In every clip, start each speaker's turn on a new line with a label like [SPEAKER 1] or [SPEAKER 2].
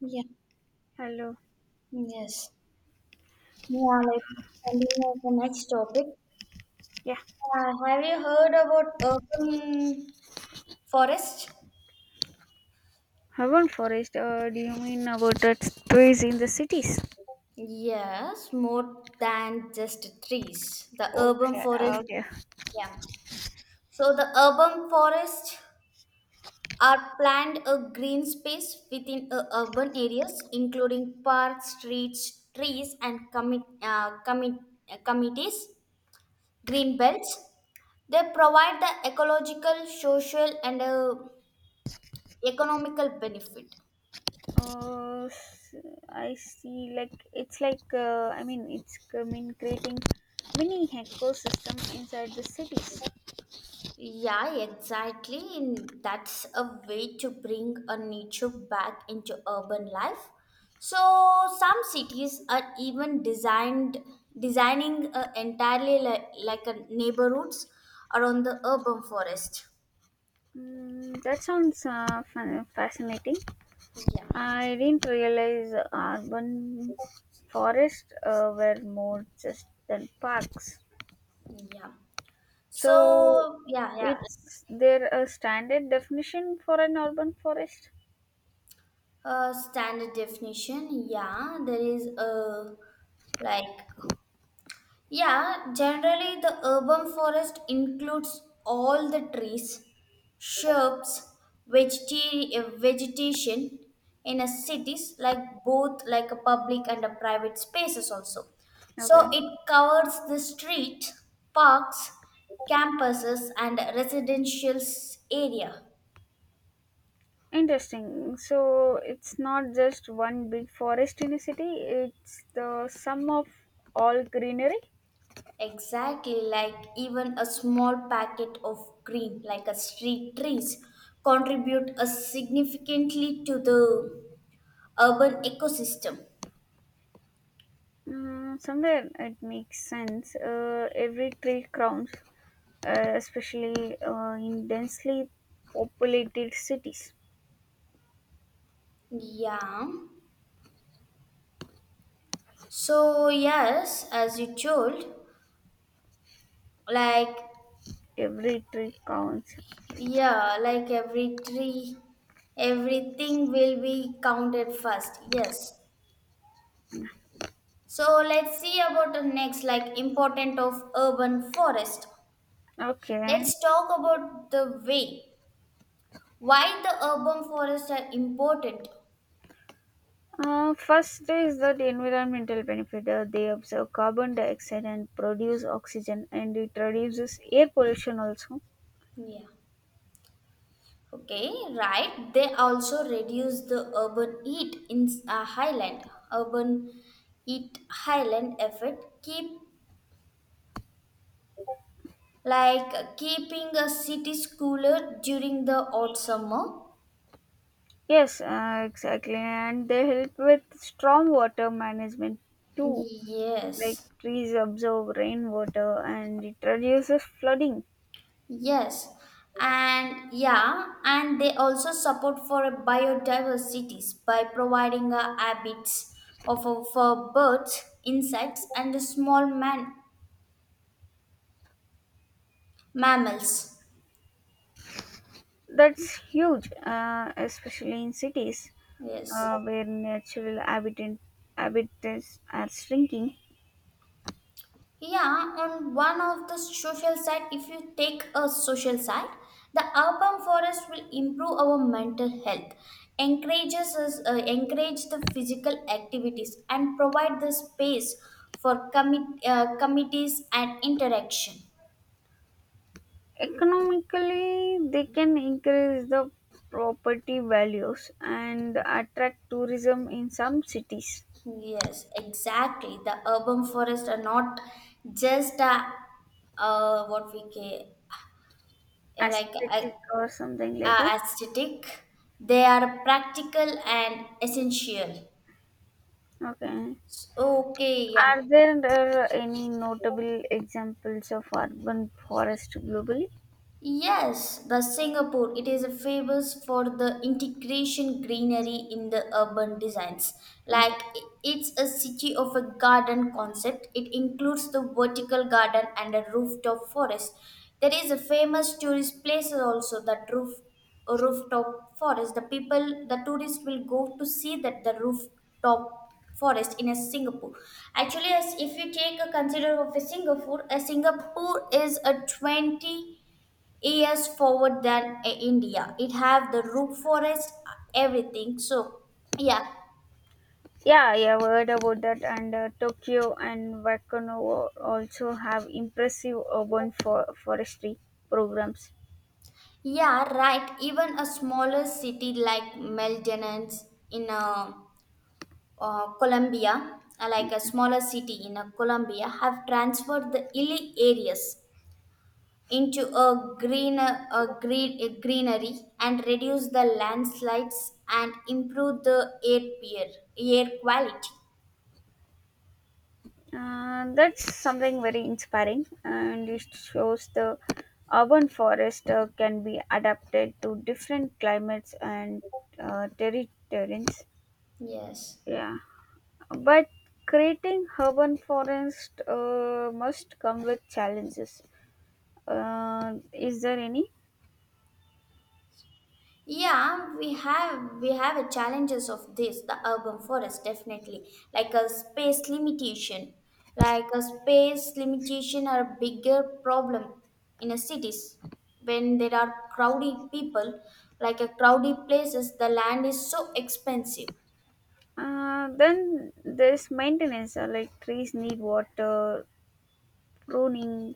[SPEAKER 1] Yeah,
[SPEAKER 2] Hello.
[SPEAKER 1] yes. Yeah, let's continue with the next topic.
[SPEAKER 2] Yeah.
[SPEAKER 1] Have you heard about urban forest?
[SPEAKER 2] Urban forest, do you mean about the trees in the cities?
[SPEAKER 1] Yes, more than just trees. The
[SPEAKER 2] Okay.
[SPEAKER 1] urban forest,
[SPEAKER 2] Okay. Okay.
[SPEAKER 1] yeah. So the urban forests are planned a green space within urban areas, including parks, streets, trees, and committees, green belts. They provide the ecological, social, and economical benefit.
[SPEAKER 2] Uh, s- I see. Like it's like I mean it's I mean creating mini ecosystem inside the cities.
[SPEAKER 1] Yeah, exactly. And that's a way to bring a nature back into urban life. So some cities are even designed designing entirely like a neighborhoods around the urban forest.
[SPEAKER 2] That sounds fun, fascinating.
[SPEAKER 1] Yeah,
[SPEAKER 2] I didn't realize urban forests were more just than parks.
[SPEAKER 1] yeah.
[SPEAKER 2] So,
[SPEAKER 1] So yeah, yeah.
[SPEAKER 2] it's there a standard definition for an urban forest?
[SPEAKER 1] Standard definition. Yeah, there is a like. Yeah, generally the urban forest includes all the trees, shrubs, vegetation in a cities like both like a public and a private spaces also.
[SPEAKER 2] Okay,
[SPEAKER 1] So it covers the street, parks, campuses and residential area.
[SPEAKER 2] interesting. So, it's not just one big forest in a city, it's the sum of all greenery.
[SPEAKER 1] Exactly, like even a small packet of green like a street trees contribute a significantly to the urban ecosystem.
[SPEAKER 2] Somewhere it makes sense. Every tree crowns, especially in densely populated cities.
[SPEAKER 1] Yeah. So yes, as you told, like
[SPEAKER 2] Every tree counts.
[SPEAKER 1] yeah, like every tree, everything will be counted first. Yes. So let's see about the next like important of urban forest.
[SPEAKER 2] Okay.
[SPEAKER 1] Let's talk about the way why the urban forests are important.
[SPEAKER 2] First is that environmental benefit. They observe carbon dioxide and produce oxygen, and it reduces air pollution also.
[SPEAKER 1] Yeah. Okay, right. They also reduce the urban heat in highland. Urban heat highland effect keep like keeping a cities cooler during the hot summer.
[SPEAKER 2] Yes, exactly. And they help with strong water management too. Like
[SPEAKER 1] Yes,
[SPEAKER 2] trees absorb rainwater, and it reduces flooding.
[SPEAKER 1] yes, and yeah, and they also support for biodiversities by providing habits for birds, insects, and the small man mammals.
[SPEAKER 2] That's huge, especially in cities
[SPEAKER 1] Yes.
[SPEAKER 2] where natural habitats are shrinking.
[SPEAKER 1] Yeah, on one of the social side, if you take a social side, the urban forest will improve our mental health, encourages us, encourage the physical activities, and provide the space for committees and interaction.
[SPEAKER 2] Economically, they can increase the property values and attract tourism in some cities,
[SPEAKER 1] Yes, exactly. The urban forests are not just a, what we ca- like
[SPEAKER 2] aesthetic or something
[SPEAKER 1] a
[SPEAKER 2] like that.
[SPEAKER 1] aesthetic; they are practical and essential.
[SPEAKER 2] Okay.
[SPEAKER 1] So, okay, yeah.
[SPEAKER 2] Are there any notable examples of urban forest globally?
[SPEAKER 1] Yes, the Singapore it is famous for the integration greenery in the urban designs.
[SPEAKER 2] Okay.
[SPEAKER 1] Like it's a city of a garden concept. It includes the vertical garden and a rooftop forest. There is a famous tourist place also that rooftop forest. The people the tourists will go to see that the rooftop forest in a Singapore. Actually, as if you take a consider of a Singapore is a 20 years forward than India. It have the root forest, everything. So yeah,
[SPEAKER 2] Yeah, I have heard about that. And Tokyo and Wakano also have impressive forestry programs.
[SPEAKER 1] yeah, right. Even a smaller city like Maldonado in Colombia, like a smaller city in Colombia, have transferred the hilly areas into a greenery and reduce the landslides and improve the air quality.
[SPEAKER 2] That's something very inspiring, and it shows the urban forest can be adapted to different climates and terrains.
[SPEAKER 1] Yes.
[SPEAKER 2] Yeah, but creating urban forest must come with challenges. Is there any?
[SPEAKER 1] Yeah, we have a challenges of this the urban forest definitely like a space limitation, like a space limitation are a bigger problem in a cities when there are crowded people like a crowded places the land is so expensive.
[SPEAKER 2] Then there's maintenance, like trees need water, pruning,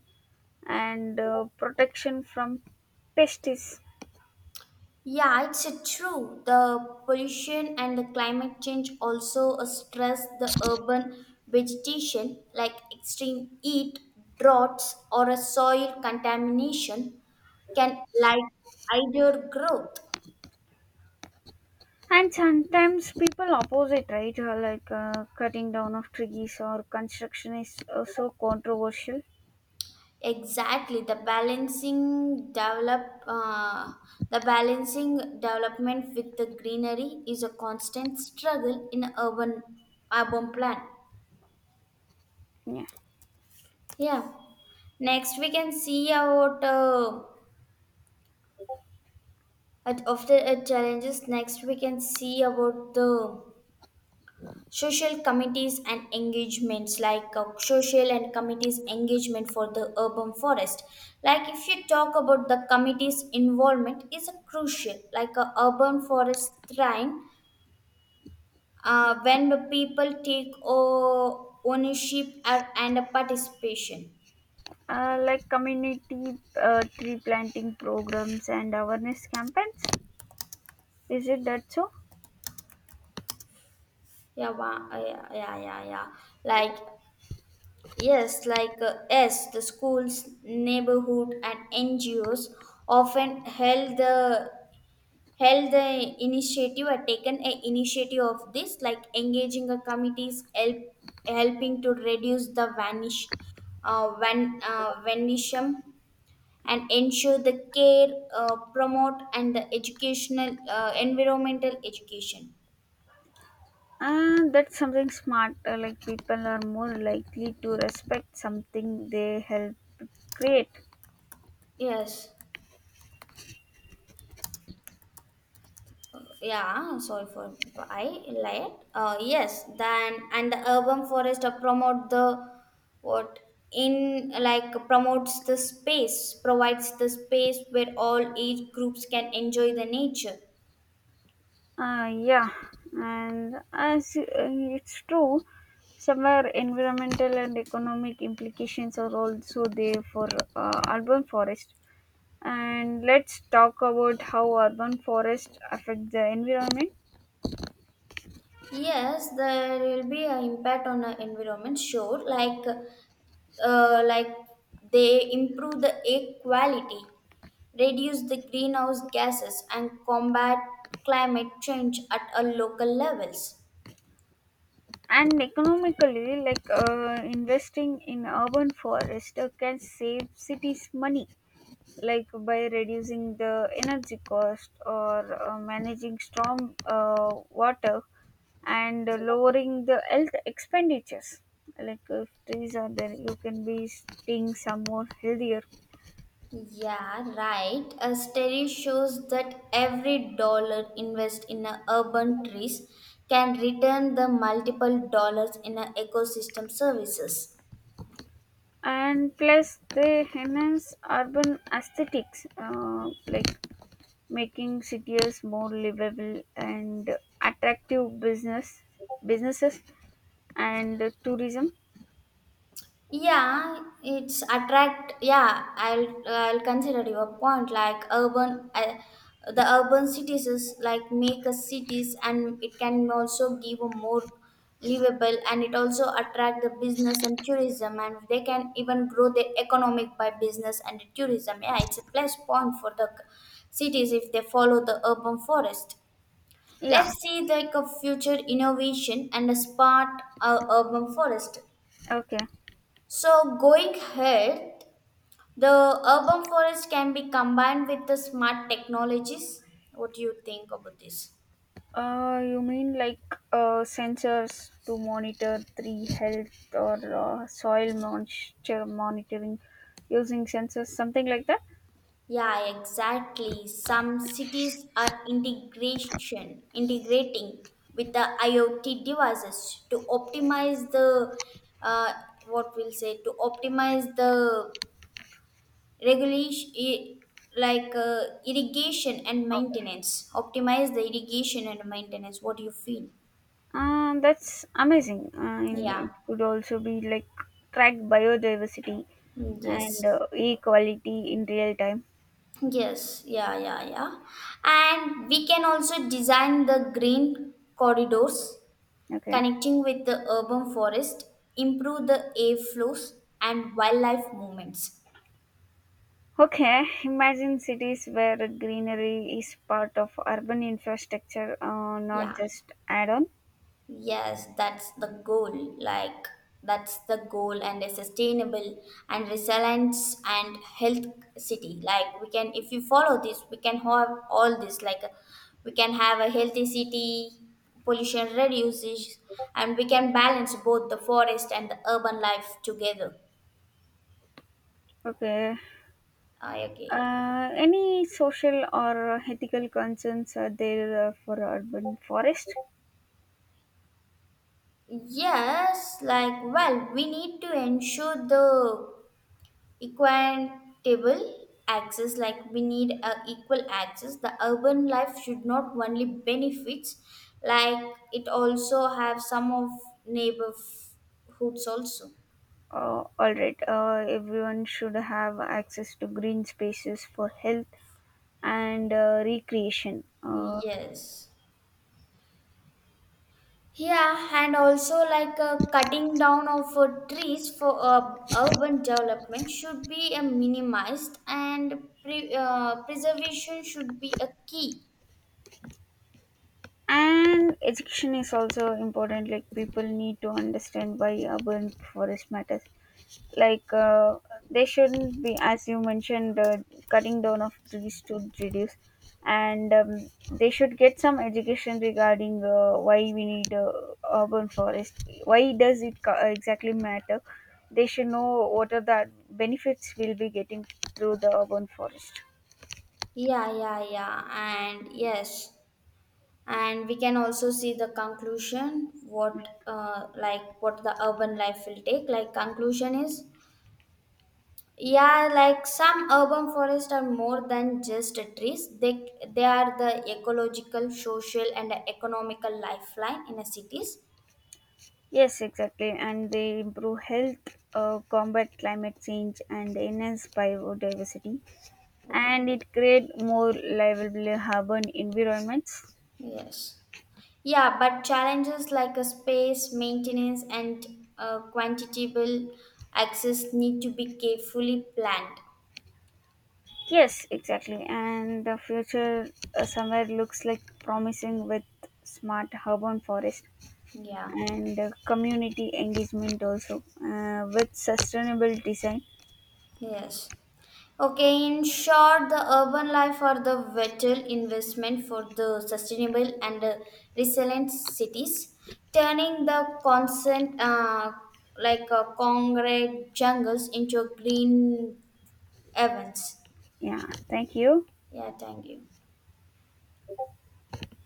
[SPEAKER 2] and protection from pests.
[SPEAKER 1] Yeah, it's true. The pollution and the climate change also stress the urban vegetation, like extreme heat, droughts, or a soil contamination can like either growth.
[SPEAKER 2] And sometimes people oppose it, right? Like cutting down of trees or construction is so controversial.
[SPEAKER 1] Exactly, the balancing development with the greenery is a constant struggle in urban urban plan.
[SPEAKER 2] Yeah.
[SPEAKER 1] Yeah. Next, we can see about. But after it challenges next we can see about the social committees and engagements like social and committees engagement for the urban forest, like if you talk about the committees involvement is a crucial like a urban forest shrine when the people take ownership and a participation.
[SPEAKER 2] Like community tree planting programs and awareness campaigns. Is it that so?
[SPEAKER 1] Yeah, yeah, yeah, yeah, yeah, like. Yes, like the schools, neighborhood, and NGOs often held the initiative or taken a initiative of this, like engaging the committees, helping to reduce the vandalism and ensure the care, promote, and the educational environmental education.
[SPEAKER 2] That's something smart. Like people are more likely to respect something they help create.
[SPEAKER 1] Yes. Yeah, sorry for I lied, yes then, and the urban forest promote the what in like promotes the space provides the space where all age groups can enjoy the nature.
[SPEAKER 2] Yeah, and as it's true, somewhere environmental and economic implications are also there for urban forest. And let's talk about how urban forests affect the environment.
[SPEAKER 1] Yes, there will be an impact on the environment sure, like uh, like they improve the air quality, reduce the greenhouse gases and combat climate change at a local levels.
[SPEAKER 2] And economically, like investing in urban forest can save cities money, like by reducing the energy cost or managing storm water and lowering the health expenditures, like if trees are there you can be seeing some more healthier.
[SPEAKER 1] Yeah, right. A study shows that every dollar invested in a urban trees can return the multiple dollars in a ecosystem services.
[SPEAKER 2] And plus they enhance urban aesthetics, like making cities more livable and attractive businesses and tourism.
[SPEAKER 1] Yeah, it's attract. Yeah, I'll consider your point. Like urban, the urban cities is like make us cities, and it can also give a more livable, and it also attract the business and tourism, and they can even grow the economic by business and tourism. Yeah, it's a plus point for the cities if they follow the urban forest.
[SPEAKER 2] Yeah.
[SPEAKER 1] Let's see like a future innovation and a smart urban forest.
[SPEAKER 2] Okay.
[SPEAKER 1] So, going ahead, the urban forest can be combined with the smart technologies. What do you think about this?
[SPEAKER 2] You mean like sensors to monitor tree health or monitoring using sensors, something like that?
[SPEAKER 1] Yeah, exactly. Some cities are integration integrating with the IoT devices to optimize the uh, what we'll say to optimize the regulation I- like irrigation and maintenance. Optimize the irrigation and maintenance. What do you feel?
[SPEAKER 2] That's amazing. And
[SPEAKER 1] Yeah.
[SPEAKER 2] it could also be like track biodiversity
[SPEAKER 1] Mm,
[SPEAKER 2] and
[SPEAKER 1] yes.
[SPEAKER 2] air quality in real time.
[SPEAKER 1] Yes, yeah, yeah, yeah. And we can also design the green corridors
[SPEAKER 2] Okay.
[SPEAKER 1] connecting with the urban forest, improve the air flows and wildlife movements.
[SPEAKER 2] Okay, imagine cities where greenery is part of urban infrastructure, not
[SPEAKER 1] Yeah.
[SPEAKER 2] just add on.
[SPEAKER 1] Yes, that's the goal. Like, that's the goal, and a sustainable and resilient and health city. Like, we can, if you follow this, we can have all this. Like, we can have a healthy city, pollution reduces, and we can balance both the forest and the urban life together.
[SPEAKER 2] Okay.
[SPEAKER 1] I agree.
[SPEAKER 2] Any social or ethical concerns are there for urban forest?
[SPEAKER 1] Yes, like, well, we need to ensure the equitable access, like we need a equal access the urban life should not only benefits, like it also have some of neighborhoods also.
[SPEAKER 2] All right, everyone should have access to green spaces for health and recreation.
[SPEAKER 1] Yes, yeah, and also like cutting down of trees for urban development should be minimized and preservation should be a key.
[SPEAKER 2] And education is also important, like, people need to understand why urban forest matters. Like they shouldn't be, as you mentioned, cutting down of trees to reduce. And they should get some education regarding why we need urban forest, why does it exactly matter. They should know what are the benefits we'll be getting through the urban forest.
[SPEAKER 1] Yeah, yeah, yeah, and yes, and we can also see the conclusion what like what the urban life will take, like conclusion is, yeah, like some urban forests are more than just trees, they are the ecological social and economical lifeline in the cities.
[SPEAKER 2] Yes, exactly. And they improve health, combat climate change and enhance biodiversity,
[SPEAKER 1] Okay.
[SPEAKER 2] and it create more livable urban environments.
[SPEAKER 1] Yes, yeah, but challenges like a space maintenance and quantitable access need to be carefully planned.
[SPEAKER 2] Yes, exactly. And the future somewhere looks like promising with smart urban forest
[SPEAKER 1] Yeah,
[SPEAKER 2] and community engagement also, with sustainable design.
[SPEAKER 1] yes. Okay, in short, the urban life are the vital investment for the sustainable and resilient cities, turning the constant concrete jungles into green events.
[SPEAKER 2] Yeah, thank you.
[SPEAKER 1] Yeah, thank you.